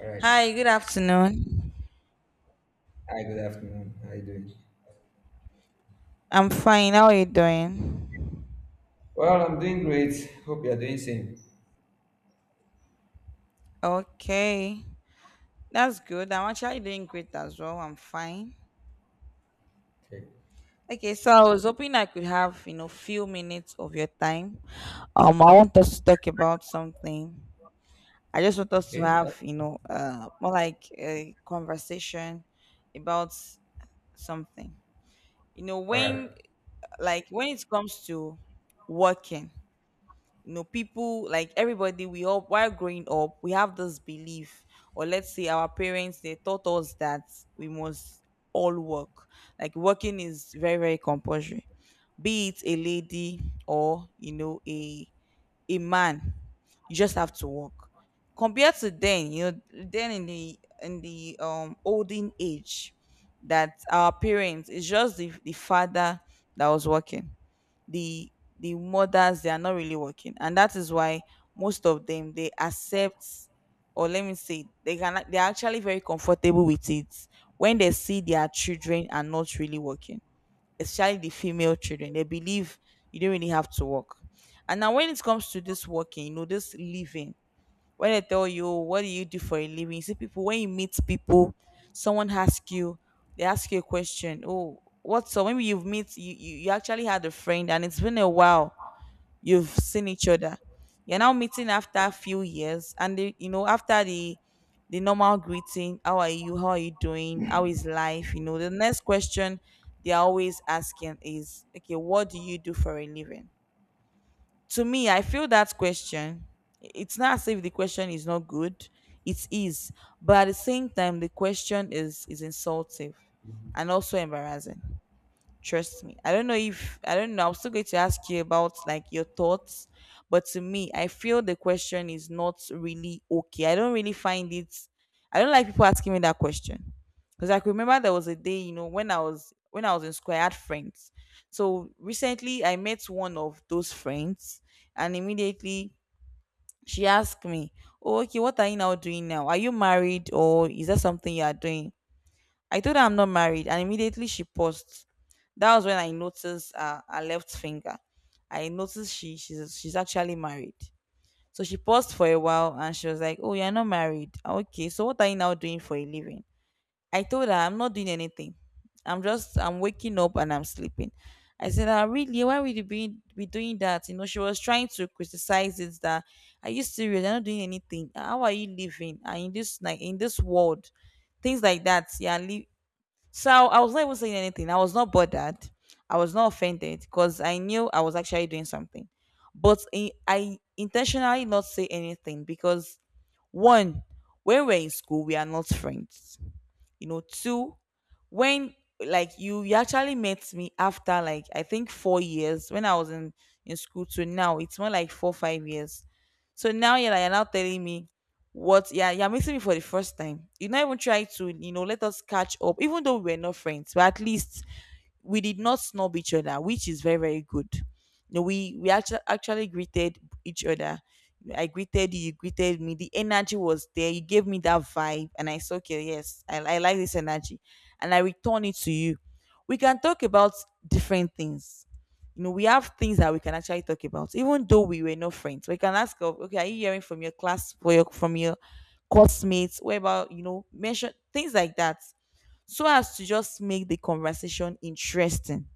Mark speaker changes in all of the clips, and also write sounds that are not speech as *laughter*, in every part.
Speaker 1: All right.
Speaker 2: Hi, good afternoon.
Speaker 1: Hi, good afternoon. How are you doing?
Speaker 2: I'm fine. How are you doing?
Speaker 1: Well, I'm doing great. Hope you're doing same.
Speaker 2: Okay, that's good. I'm actually doing great as well. I'm fine.
Speaker 1: Okay.
Speaker 2: Okay, so I was hoping I could have, few minutes of your time. I want us to talk about something. I just want us to
Speaker 1: Okay. That's
Speaker 2: have, more like a conversation about something. You know,
Speaker 1: all right.
Speaker 2: when, like, when it comes to working. You know, people, like everybody, we all, while growing up, we have this belief, or let's say our parents, they taught us that we must all work. Like, working is very, very compulsory, be it a lady or, you know, a man. You just have to work. Compared to then, you know, then in the olden age, that our parents, it's just the father that was working. The the mothers, they are not really working. And that is why most of them, they accept, or let me say, they can, they're actually very comfortable with it when they see their children are not really working, especially the female children. They believe you don't really have to work. And now when it comes to this working, you know, this living, when I tell you, "Oh, what do you do for a living?" You see people, when you meet people, someone asks you, they ask you a question, oh, what? So maybe you've met, you, you actually had a friend and it's been a while you've seen each other, you're now meeting after a few years, and the, you know, after the normal greeting, how are you, how are you doing, how is life, you know, the next question they're always asking is, okay, what do you do for a living? To me, I feel that question, it's not as if the question is not good, it is, but at the same time, the question is insultive and also embarrassing. Trust me. I don't know, if I don't know. I'm still going to ask you about, like, your thoughts, but to me, I feel the question is not really okay. I don't really find it. I don't like people asking me that question, because I can remember there was a day, you know, when I was in school, I had friends. So recently, I met one of those friends, and immediately she asked me, "Oh, okay, what are you now doing now? Are you married, or is that something you are doing?" I told her I'm not married, and immediately she paused. That was when I noticed her left finger. I noticed she's actually married. So she paused for a while, and she was like, "Oh, you're not married. Ah, okay, so what are you now doing for a living?" I told her I'm not doing anything. I'm waking up and I'm sleeping. I said, ah, really? Why would you be doing that? You know, she was trying to criticize it, that, are you serious? You're not doing anything. How are you living? And in this world, things like that. Yeah, live, so I was not even saying anything. I was not bothered. I was not offended because I knew I was actually doing something. But I intentionally not say anything because, one, when we're in school, we are not friends, you know, two, when, like you actually met me after, like, I think 4 years, when I was in school, to now, it's more like 4, 5 years So now you're, like, you're now telling me, what? Yeah, you're meeting me for the first time, you not even try to, you know, let us catch up, even though we were not friends, but at least we did not snub each other, which is very, very good. You know, we actually greeted each other. I greeted you, you greeted me. The energy was there. You gave me that vibe, and I said, "Okay, yes, I like this energy," and I return it to you. We can talk about different things. You know, we have things that we can actually talk about, even though we were not friends. We can ask, of, "Okay, are you hearing from your class, for your, from your classmates? What about, you know, mention things like that?" So as to just make the conversation interesting.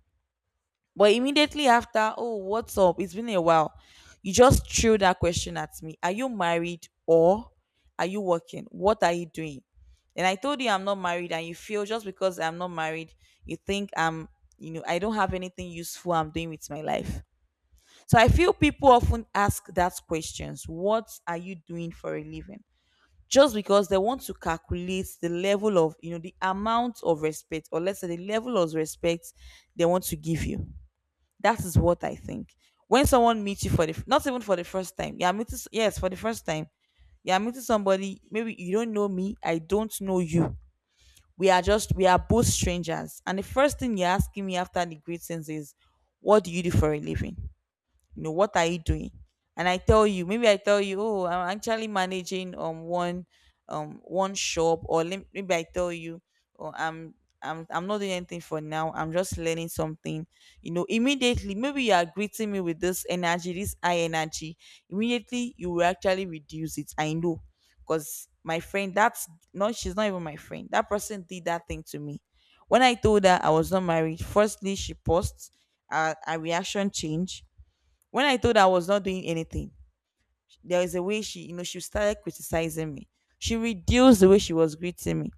Speaker 2: But immediately after, oh, what's up? It's been a while. You just threw that question at me. Are you married, or are you working? What are you doing? And I told you I'm not married, and you feel, just because I'm not married, you think I'm, you know, I don't have anything useful I'm doing with my life. So I feel people often ask that questions. What are you doing for a living? Just because they want to calculate the level of, you know, the amount of respect, or let's say the level of respect they want to give you. That is what I think. When someone meets you for the, not even for the first time, yeah, meeting, yes, for the first time. Yeah, meeting somebody, maybe you don't know me, I don't know you, we are just, we are both strangers, and the first thing you're asking me after the greetings is, what do you do for a living? You know, what are you doing? And I tell you, maybe I tell you, oh, I'm actually managing one one shop, or lem-, maybe I tell you, oh, I'm not doing anything for now, I'm just learning something. You know, immediately, maybe you are greeting me with this energy, this high energy, immediately you will actually reduce it, I know, because my friend, that's, no, she's not even my friend, that person did that thing to me. When I told her I was not married, firstly she paused, her reaction changed. When I told her I was not doing anything, there is a way she, you know, she started criticizing me. She reduced the way she was greeting me.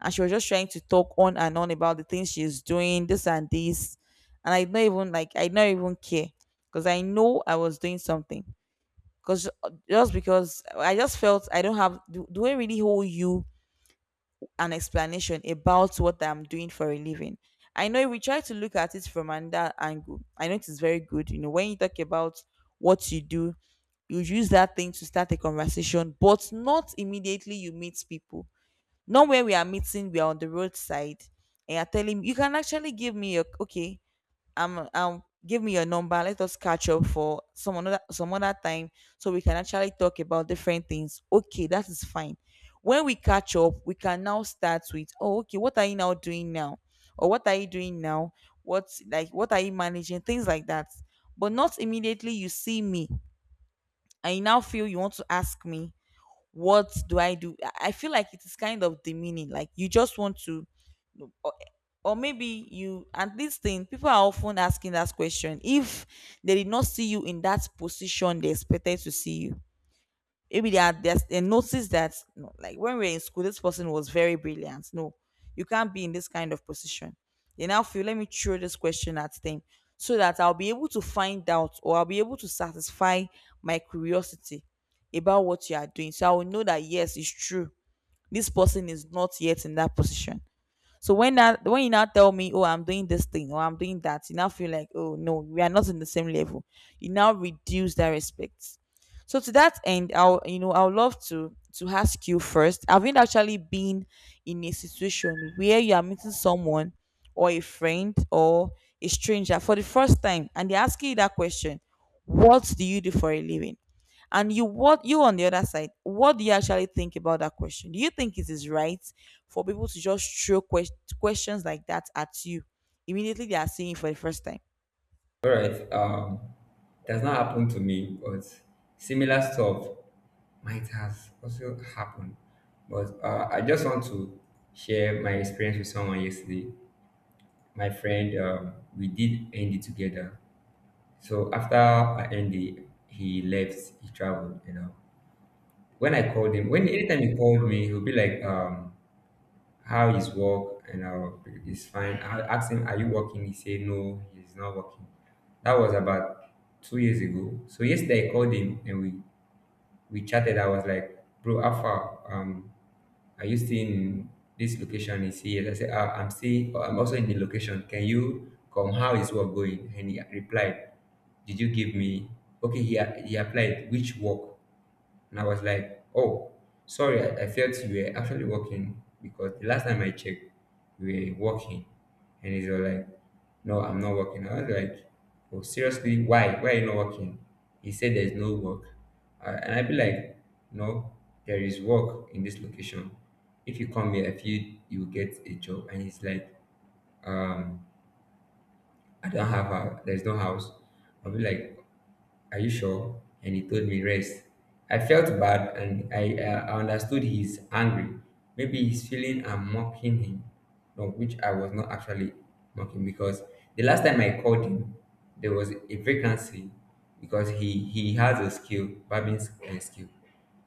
Speaker 2: And she was just trying to talk on and on about the things she's doing, this and this. And I don't even, like, I don't even care. Because I know I was doing something. Because, just because I just felt I don't have, do I really hold you an explanation about what I'm doing for a living? I know, if we try to look at it from another angle, I know it is very good. You know, when you talk about what you do, you use that thing to start a conversation, but not immediately you meet people. Not where we are meeting, we are on the roadside, and you're telling me, you can actually give me your, okay, give me your number. Let us catch up for some other time, so we can actually talk about different things. Okay, that is fine. When we catch up, we can now start with, oh, okay, what are you now doing now? Or what are you doing now? What's, like, what are you managing? Things like that. But not immediately you see me, and you now feel you want to ask me, what do I do? I feel like it is kind of demeaning. Like you just want to, or, or maybe you, and this thing, people are often asking that question if they did not see you in that position they expected to see you. Maybe they are, they noticed that, no, like, when we were in school, this person was very brilliant, no, you can't be in this kind of position. They now feel, let me throw this question at them, so that I'll be able to find out, or I'll be able to satisfy my curiosity about what you are doing, so I will know that yes, it's true, this person is not yet in that position. So when that, when you now tell me, oh, I'm doing this thing, or I'm doing that, you now feel like, oh no, we are not in the same level. You now reduce that respect. So to that end, I'll, you know, I'll love to ask you first. Have you actually been in a situation where you are meeting someone, or a friend, or a stranger for the first time, and they're asking you that question, what do you do for a living? And you, what you on the other side, what do you actually think about that question? Do you think it is right for people to just throw questions like that at you immediately they are seeing it for the first time?
Speaker 1: All right. It has not happened to me, but similar stuff might has also happened. But I just want to share my experience with someone yesterday. My friend, we did end it together. So after I ended, he left. He traveled. You know. When I called him, when anytime he called me, he'll be like, how is work? And it's fine. I asked him, are you working? He said no, he's not working. That was about 2 years ago. So yesterday I called him and we chatted. I was like, bro, how far? Are you still in this location? He said yes. I said, ah, I'm also in the location. Can you come? How is work going? And he replied, did you give me okay? He applied, which work? And I was like, oh, sorry, I felt you were actually working because the last time I checked, you were working. And he's all like, no, I'm not working. I was like, oh, seriously, why? Why are you not working? He said there's no work. And I'd be like, no, there is work in this location. If you come here, I feel you will get a job. And he's like, um, I don't have there's no house. I'll be like, are you sure? And he told me, rest. I felt bad, and I understood he's angry. Maybe he's feeling I'm mocking him. No, which I was not actually mocking, because the last time I called him, there was a vacancy because he has a skill, skill.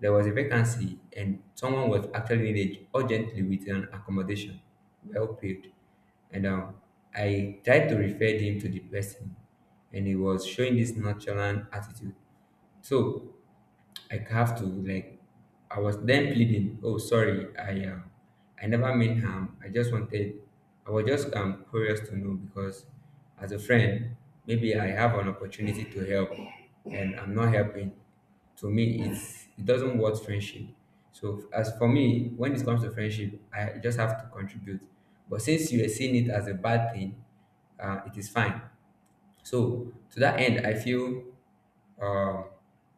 Speaker 1: There was a vacancy and someone was actually needed urgently with an accommodation, well paid. And I tried to refer him to the person, and he was showing this nonchalant attitude. So I have to like, I was then pleading, "Oh, sorry, I never meant harm. I was just curious to know because, as a friend, maybe I have an opportunity to help, and I'm not helping. To me, it doesn't worth friendship. So as for me, when it comes to friendship, I just have to contribute. But since you are seeing it as a bad thing, it is fine." So to that end, I feel um,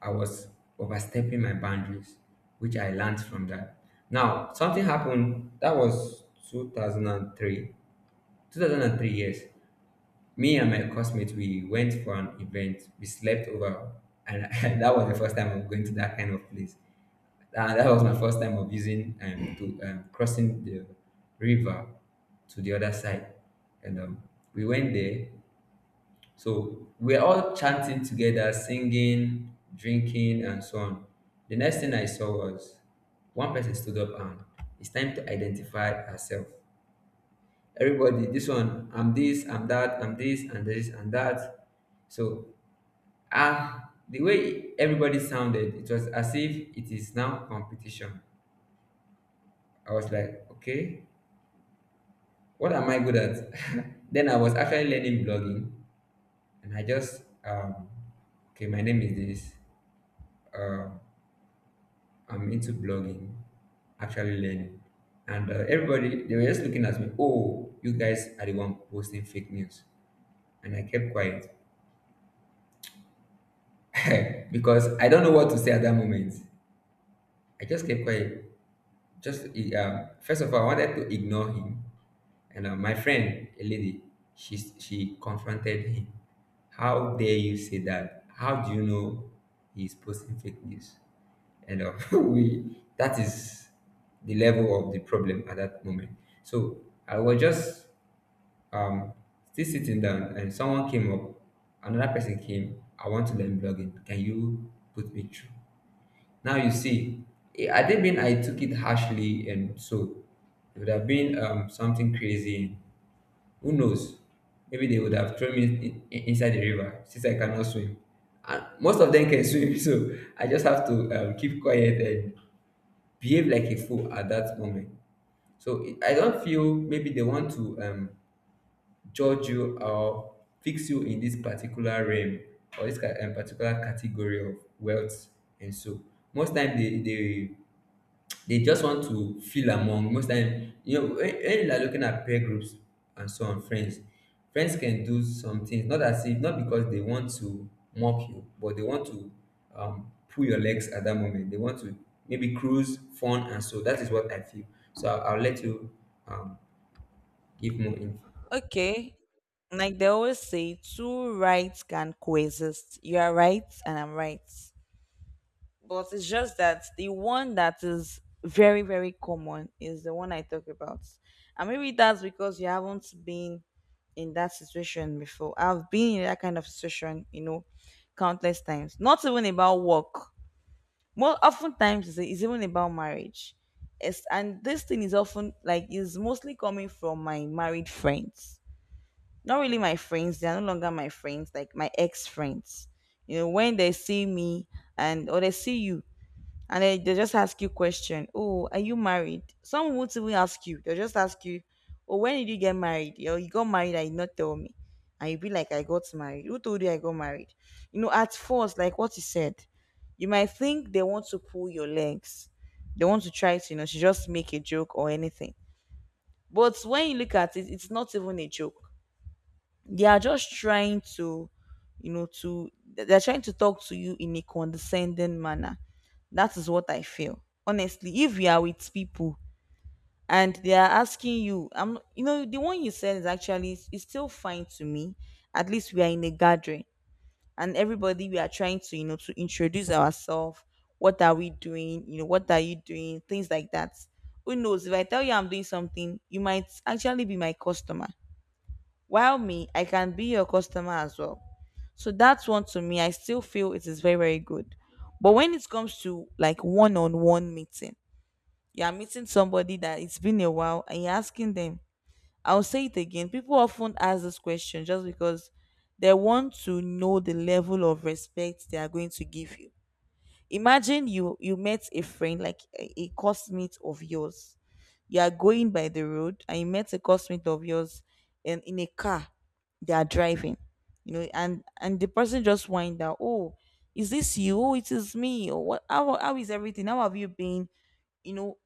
Speaker 1: I was overstepping my boundaries, which I learned from that. Now something happened that was 2003. 2003, yes. Me and my classmates, we went for an event. We slept over, and *laughs* that was the first time of going to that kind of place. And that was my first time of using to crossing the river to the other side, and we went there. So we're all chanting together, singing, drinking, and so on. The next thing I saw was one person stood up, and it's time to identify herself. Everybody, this one, I'm this, I'm that, I'm this, and this, and that. So ah, the way everybody sounded, it was as if it is now competition. I was like, okay, what am I good at? *laughs* Then I was actually learning blogging, and I just okay, my name is this. Um, I'm into blogging, actually learning. And everybody, they were just looking at me, oh, you guys are the one posting fake news. And I kept quiet *laughs* because I don't know what to say at that moment. I just kept quiet. Just first of all, I wanted to ignore him. And my friend, a lady, she confronted him. How dare you say that? How do you know he's posting fake news? And *laughs* we, that is the level of the problem at that moment. So I was just um still sitting down, and someone came up, another person came. I want to learn blogging, can you put me through? Now you see, I didn't mean, I took it harshly, and so it would have been something crazy. Who knows, maybe they would have thrown me inside the river, since I cannot swim and most of them can swim. *laughs* So I just have to keep quiet, behave like a fool at that moment. So it- I don't feel, maybe they want to judge you or fix you in this particular realm or this particular category of wealth, and so most time they just want to feel among. Most time, you know, when you are looking at peer groups and so on, friends, friends can do some things, not as if, not because they want to mock you, but they want to pull your legs. At that moment they want to maybe cruise fun, and so that is what I feel. So I'll let you um, give more info.
Speaker 2: Okay, like they always say, two rights can coexist. You are right, and I'm right. But it's just that the one that is very, very common is the one I talk about. And maybe that's because you haven't been in that situation before. I've been in that kind of situation, you know, countless times. Not even about work. More oftentimes, it's even about marriage. It's, and this thing is often like is mostly coming from my married friends. Not really my friends; they are no longer my friends. Like my ex friends, you know, when they see me and or they see you, and then they just ask you question, oh, are you married? Some won't even ask you, they'll just ask you, oh, when did you get married? Yo, you got married and you not tell me? And you be like, I got married? Who told you I got married? You know, at first, like what you said, you might think they want to pull your legs, they want to try to, you know, to just make a joke or anything. But when you look at it, it's not even a joke. They are just trying to, you know, to they're trying to talk to you in a condescending manner. That is what I feel, honestly. If you are with people and they are asking you, I'm you know the one you said is actually is still fine to me. At least we are in a gathering and everybody, we are trying to, you know, to introduce ourselves, what are we doing, you know, what are you doing, things like that. Who knows, if I tell you I'm doing something, you might actually be my customer, while me, I can be your customer as well. So that's one. To me, I still feel it is very, very good. But when it comes to like one on one meeting, you are meeting somebody that it's been a while and you're asking them, I'll say it again. People often ask this question just because they want to know the level of respect they are going to give you. Imagine you met a friend, like a cosmate of yours. You are going by the road and you met a cosmate of yours and in a car they are driving. You know, and the person just wind out, oh, is this you? Oh, it is me. Or what, how is everything? How have you been? You know,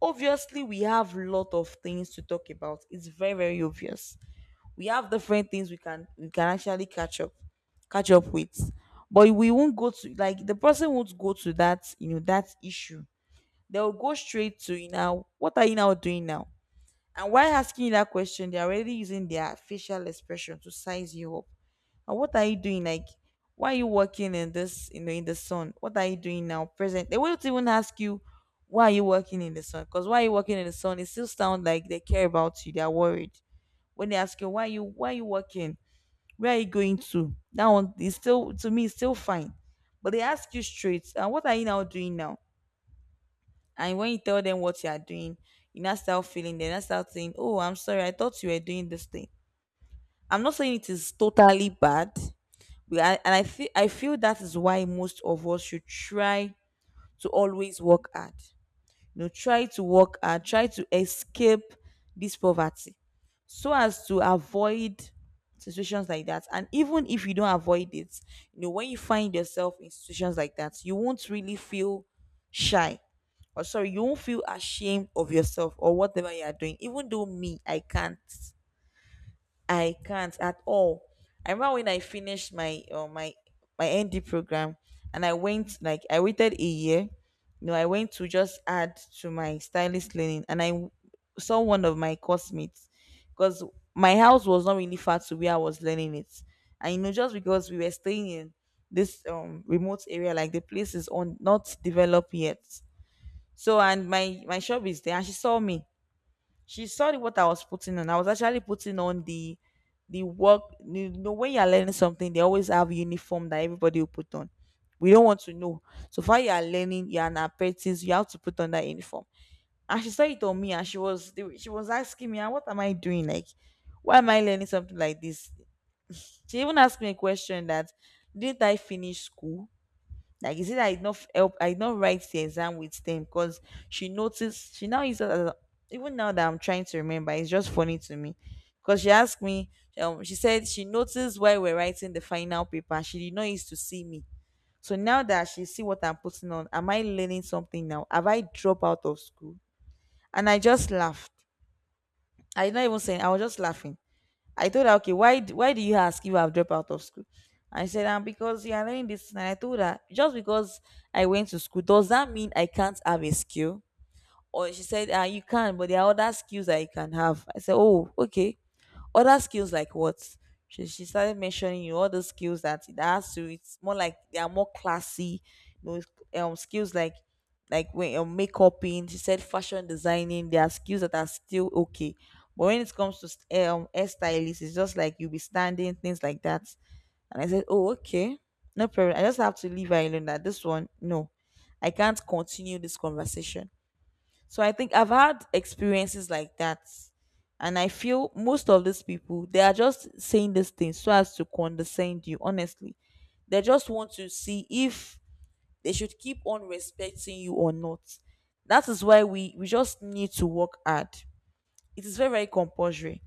Speaker 2: obviously we have a lot of things to talk about. It's very, very obvious we have different things we can actually catch up, catch up with. But we won't go to, like the person won't go to that, you know, that issue. They'll go straight to, you know, what are you now doing now? And while asking you that question, they're already using their facial expression to size you up. And what are you doing, like, why are you working in this, you know, in the sun, what are you doing now present? They won't even ask you why are you working in the sun, because why are you working in the sun, it still sounds like they care about you, they're worried. When they ask you, why are you, why are you working, where are you going to? That one is still to me, it's still fine. But they ask you straight, and what are you now doing now? And when you tell them what you are doing, you now start feeling, they now start saying, oh, I'm sorry, I thought you were doing this thing. I'm not saying it is totally bad. We are, and I feel that is why most of us should try to always work hard, you know, try to work hard, try to escape this poverty, so as to avoid situations like that. And even if you don't avoid it, you know, when you find yourself in situations like that, you won't really feel shy or sorry, you won't feel ashamed of yourself or whatever you are doing. Even though me, I can't, I can't at all. I remember when I finished my my my ND program, and I went, like I waited a year. You know, I went to just add to my stylist learning, and saw one of my course mates, because my house was not really far to where I was learning it, and you know, just because we were staying in this remote area, like the place is on not developed yet. So and my shop is there, and she saw me, she saw what I was putting on. I was actually putting on the work. You know, when you're learning something, they always have uniform that everybody will put on. We don't want to know. So far, you are learning. You're an apprentice. You have to put on that uniform. And she saw it on me, and she was asking me, "Ah, what am I doing? Like, why am I learning something like this?" She even asked me a question that, "Didn't I finish school?" Like you see that I did not f- help, I did not write the exam with them, because she noticed, she now uses as a- even now that I'm trying to remember, it's just funny to me. Because she asked me, she said she noticed while we're writing the final paper, she did not used to see me. So now that she see what I'm putting on, am I learning something now? Have I dropped out of school? And I just laughed. I did not even say, I was just laughing. I told her, okay, why do you ask if I've dropped out of school? I said, because you are learning this. And I told her, just because I went to school, does that mean I can't have a skill? Or she said, you can, but there are other skills that you can have. I said, oh, okay. Other skills like what? She started mentioning, you know, all the skills that it has to. It's more like they are more classy. You know, it's skills like when makeup in. She said fashion designing. There are skills that are still okay, but when it comes to hairstylist, it's just like you'll be standing, things like that. And I said, oh okay, no problem. I just have to leave her alone. That this one, no, I can't continue this conversation. So I think I've had experiences like that. And I feel most of these people, they are just saying these things so as to condescend you, honestly. They just want to see if they should keep on respecting you or not. That is why we just need to work hard, it is very very compulsory.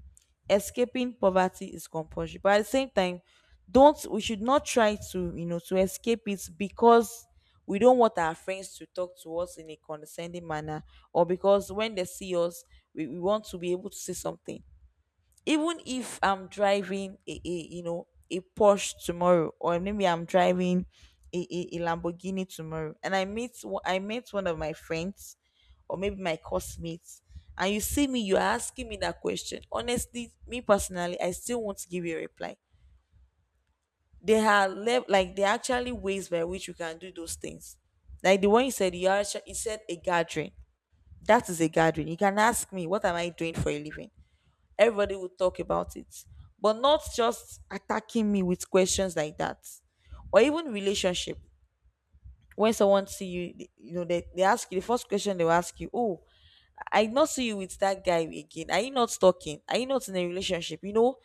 Speaker 2: Escaping poverty is compulsory, but at the same time, don't, we should not try to, you know, to escape it because we don't want our friends to talk to us in a condescending manner, or because when they see us, we want to be able to say something. Even if I'm driving a, you know, a Porsche tomorrow, or maybe I'm driving a Lamborghini tomorrow, and I met one of my friends, or maybe my classmates, and you see me, you're asking me that question. Honestly, me personally, I still want to give you a reply. There are like there are actually ways by which you can do those things. Like the one you said, you, are, you said a gathering. That is a gathering. You can ask me, what am I doing for a living? Everybody would talk about it, but not just attacking me with questions like that, or even relationship. When someone see you you know, they ask you, the first question they will ask you, oh, I not see you with that guy again? Are you not talking? Are you not in a relationship? You know,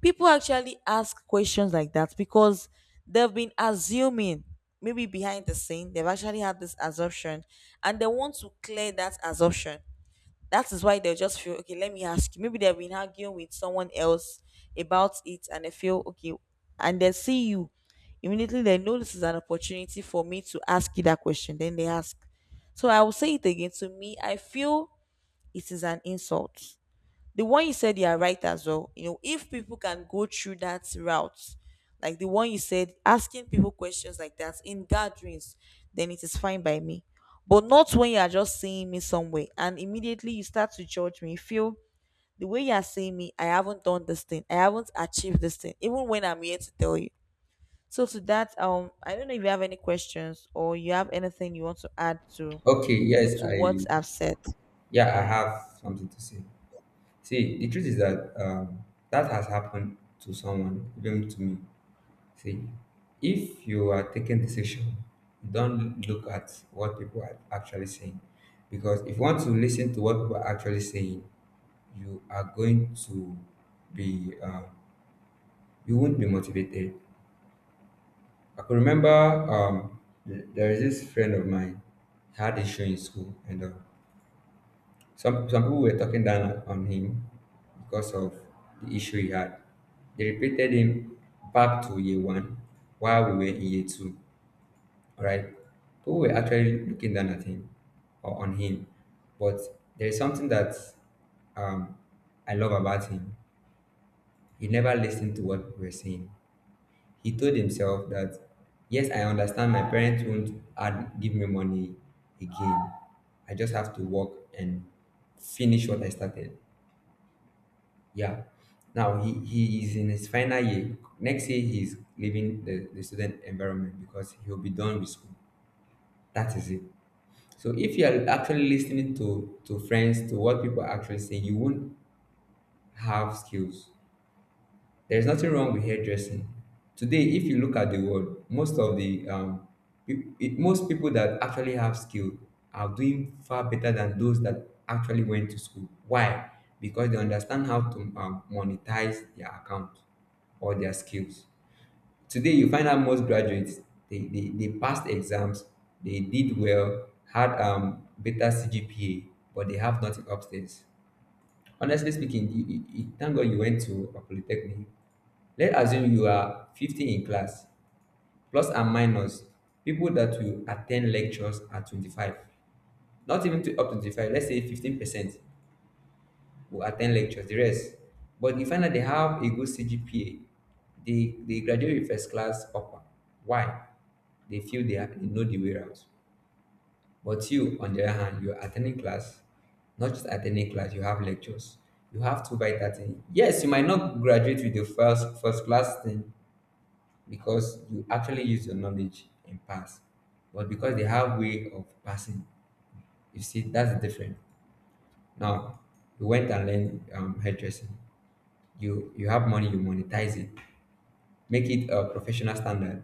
Speaker 2: people actually ask questions like that because they've been assuming. Maybe behind the scene they've actually had this assumption, and they want to clear that assumption. That is why they'll just feel, okay, let me ask you. Maybe they've been arguing with someone else about it, and they feel okay. And they see you, immediately they know, this is an opportunity for me to ask you that question, then they ask. So I will say it again, to me I feel it is an insult. The one you said, you are right as well. You know, if people can go through that route, like the one you said, asking people questions like that in gatherings, then it is fine by me. But not when you are just seeing me somewhere and immediately you start to judge me. You feel the way you are seeing me, I haven't done this thing, I haven't achieved this thing, even when I'm here to tell you. So to that, I don't know if you have any questions, or you have anything you want to add to,
Speaker 1: Okay,
Speaker 2: you know,
Speaker 1: yes,
Speaker 2: to
Speaker 1: I
Speaker 2: what I've said.
Speaker 1: yeah, I have something to say. See, the truth is that that has happened to someone, even to me. See, if you are taking decision, don't look at what people are actually saying. Because if you want to listen to what people are actually saying, you are going to be, you won't be motivated. I can remember there is this friend of mine, had a show in school, and some people were talking down on him because of the issue he had. They repeated him back to year one while we were in year two, right? People were actually looking down at him or on him. But there is something that um, I love about him. He never listened to what we were saying. He told himself that, yes, I understand my parents won't add, give me money again. I just have to work and finish what I started. Yeah. Now he is in his final year. Next year, he's leaving the student environment because he'll be done with school. That is it. So if you are actually listening to friends, to what people actually say, you won't have skills. There's nothing wrong with hairdressing. Today, if you look at the world, most of the most people that actually have skill are doing far better than those that actually went to school. Why? Because they understand how to monetize their account or their skills. Today, you find out most graduates they passed exams, they did well, had better CGPA, but they have nothing upstairs. Honestly speaking, thank God you went to a polytechnic. Let's assume you are 50 in class, plus and minus. People that will attend lectures are 25, not even to up to 25, let's say 15%. Will attend lectures, the rest. But you find that they have a good CGPA, they graduate with first class upper. Why? They feel they know the way out. But you, on the other hand, you're attending class, not just attending class, you have lectures. You have two by 13. Yes, you might not graduate with the first class thing because you actually use your knowledge and pass. But because they have way of passing, you see, that's the difference. Now, you went and learned hairdressing. You have money, you monetize it, make it a professional standard,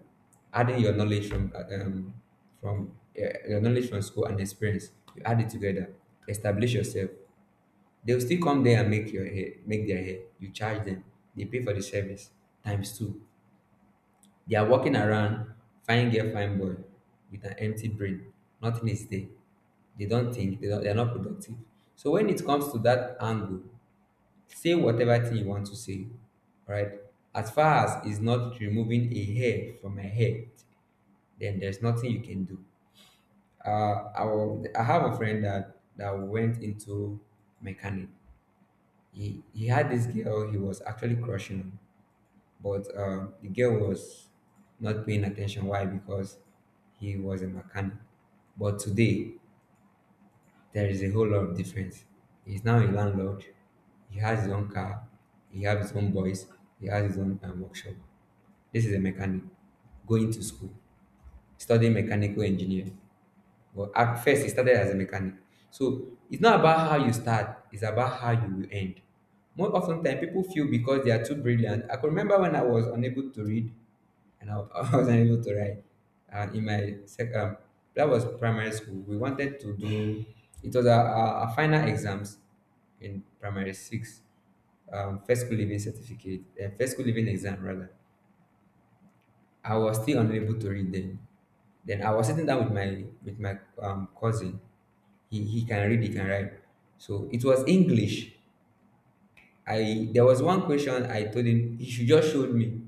Speaker 1: adding your knowledge from your knowledge from school and experience. You add it together, establish yourself. They'll still come there and make their hair. You charge them, they pay for the service, times two. They are walking around, fine girl, fine boy, with an empty brain, nothing is there. They don't think, they are not productive. So when it comes to that angle, say whatever thing you want to say, right? As far as it's not removing a hair from my head, then there's nothing you can do. I have a friend that, that went into mechanic. He had this girl he was actually crushing on, but the girl was not paying attention. Why? Because he was a mechanic. But today, there is a whole lot of difference. He's now a landlord. He has his own car. He has his own boys. He has his own workshop. This is a mechanic going to school, studying mechanical engineering. Well, at first, he started as a mechanic. So it's not about how you start, it's about how you will end. More often than people feel because they are too brilliant. I can remember when I was unable to read, and I, *laughs* I was unable to write. And in my that was primary school. We wanted to do it was our final exams in primary six, first school living certificate, first school living exam rather. I was still unable to read them. Then I was sitting down with my cousin. He can read, he can write. So it was English. I There was one question I told him he should just show me.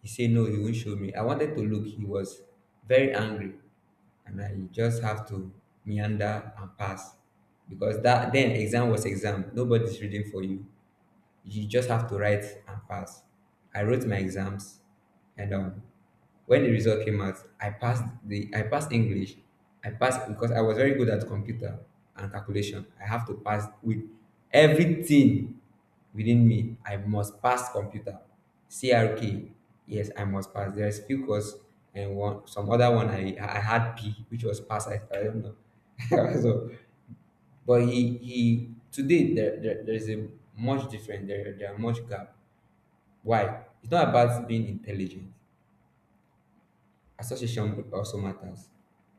Speaker 1: He said no, he won't show me. I wanted to look. He was very angry, and then you just have to meander and pass because that then exam was exam, nobody's reading for you, you just have to write and pass. I wrote my exams, and when the result came out, I passed English. I passed because I was very good at computer and calculation. I have to pass with everything within me. I must pass computer, CRK. Yes, I must pass. There's few course and one some other one I had P, which was pass. I don't know. *laughs* So but he today there is a much different there are much gap. Why? It's not about being intelligent. Association also matters.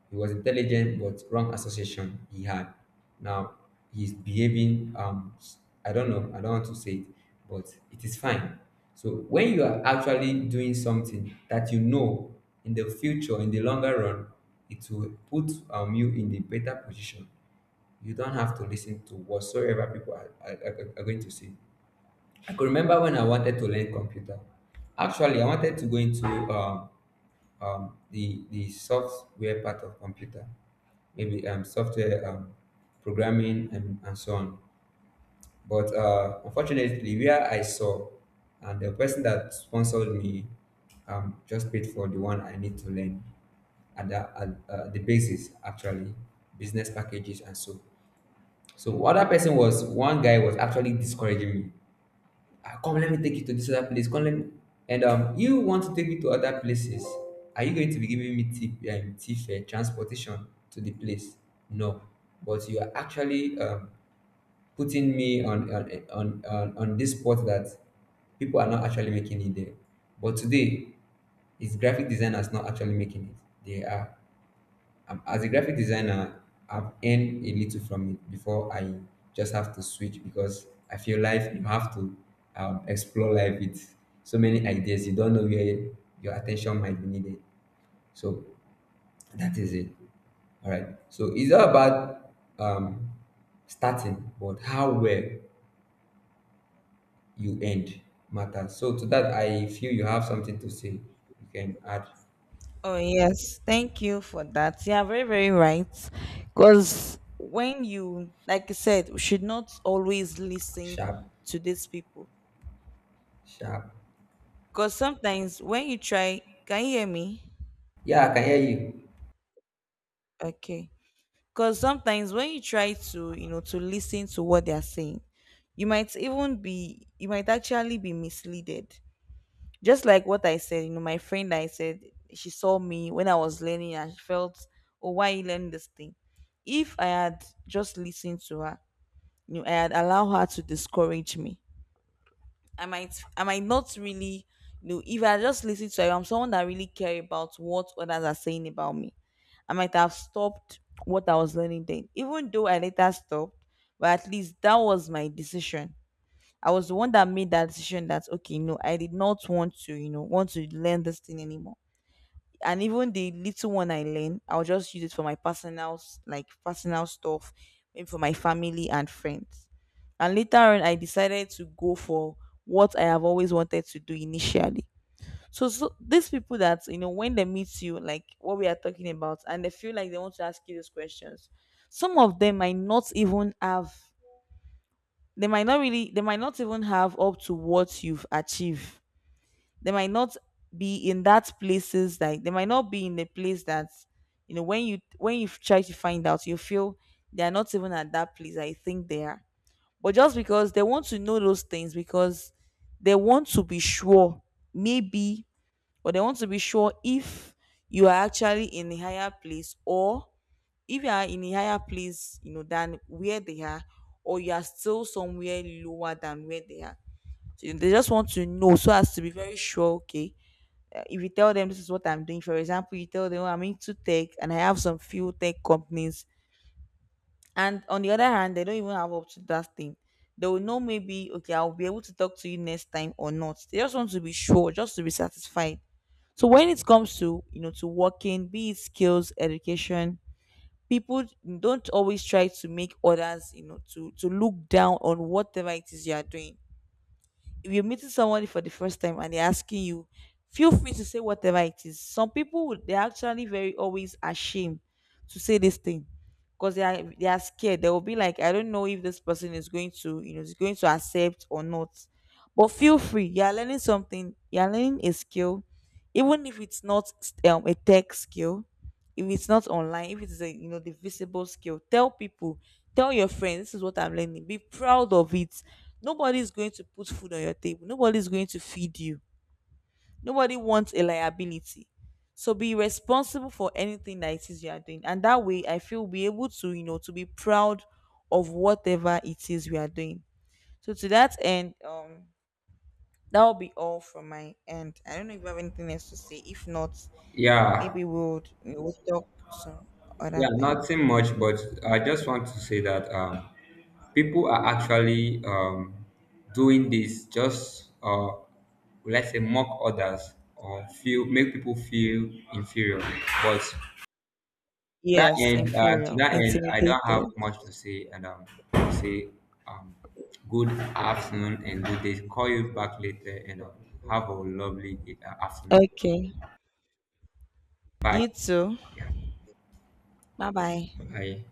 Speaker 1: He was intelligent but wrong association he had. Now he's behaving I don't know, I don't want to say it, but it is fine. So when you are actually doing something that you know in the future, in the longer run, it will put you in a better position, you don't have to listen to whatsoever people are going to say. I could remember when I wanted to learn computer. Actually, I wanted to go into the software part of computer, maybe software programming and so on. But unfortunately, where I saw and the person that sponsored me just paid for the one I need to learn at the basis actually business packages and so so what that person was, one guy was actually discouraging me. "Ah, come, let me take you to this other place. Come, let me." And you want to take me to other places? Are you going to be giving me tip, transportation to the place? No, but you are actually putting me on this spot that people are not actually making it there. But today, it's graphic designers not actually making it. They are as a graphic designer, I've earned a little from it before I just have to switch because I feel life, you have to explore life with so many ideas. You don't know where your attention might be needed. So that is it. All right. So it's all about um, starting, but how well you end matters. So to that, I feel you have something to say. You can add
Speaker 2: Oh, yes. Thank you for that. Yeah, very, very right. Because when you, like I said, we should not always listen
Speaker 1: sharp,
Speaker 2: to these people.
Speaker 1: sharp.
Speaker 2: Because sometimes when you try, can you hear me?
Speaker 1: Yeah, I can hear you.
Speaker 2: Okay. Because sometimes when you try to, you know, to listen to what they are saying, you might even you might actually be misled. Just like what I said, you know, my friend that I said, she saw me when I was learning and she felt, oh, why you learn this thing? If I had just listened to her, you know, I had allowed her to discourage me. I might not really, you know, if I just listen to her, I'm someone that really care about what others are saying about me. I might have stopped what I was learning then. Even though I later stopped, but at least that was my decision. I was the one that made that decision that, okay, no, I did not want to, you know, want to learn this thing anymore. And even the little one I learned, I'll just use it for my personal, like personal stuff, maybe for my family and friends. And later on, I decided to go for what I have always wanted to do initially. So these people that, you know, when they meet you, like what we are talking about, and they feel like they want to ask you these questions, some of them might not even have, they might not even have up to what you've achieved. They might not be in that places, like they might not be in the place that, you know, when you try to find out, you feel they're not even at that place. I think they are, but just because they want to know those things, because they want to be sure, maybe, but they want to be sure if you are actually in a higher place, or if you are in a higher place, you know, than where they are, or you are still somewhere lower than where they are. So they just want to know, so as to be very sure. Okay, if you tell them, this is what I'm doing, for example, you tell them, "Oh, I'm into tech and I have some few tech companies," and on the other hand, they don't even have up to that thing. They will know, maybe, okay, I'll be able to talk to you next time or not. They just want to be sure, just to be satisfied. So when it comes to, you know, to working, be it skills, education, people don't always try to make others, you know, to look down on whatever it is you are doing. If you're meeting someone for the first time and they're asking you, feel free to say whatever it is. They're actually very always ashamed to say this thing because they are scared. They will be like, I don't know if this person is going to, you know, is going to accept or not. But feel free. You are learning something. You are learning a skill, even if it's not a tech skill, if it's not online, if it's a, you know, the visible skill, tell people, tell your friends, this is what I'm learning, be proud of it. Nobody is going to put food on your table, nobody is going to feed you, nobody wants a liability. So be responsible for anything that it is you are doing, and that way I feel we'll be able to, you know, to be proud of whatever it is we are doing. So to that end, that will be all from my end. I don't know if you have anything else to say. If not,
Speaker 1: Yeah,
Speaker 2: maybe we'll talk some other
Speaker 1: yeah,
Speaker 2: time.
Speaker 1: nothing much, but I just want to say that people are actually doing this just, let's say, mock others or feel make people feel inferior. But
Speaker 2: Yes,
Speaker 1: to
Speaker 2: inferior,
Speaker 1: that end, I don't have
Speaker 2: intimidated.
Speaker 1: much to say, and I'll say um, good afternoon and good day. Call you back later, and have a lovely afternoon.
Speaker 2: Okay.
Speaker 1: Bye.
Speaker 2: You too.
Speaker 1: Yeah.
Speaker 2: Bye bye.
Speaker 1: Bye.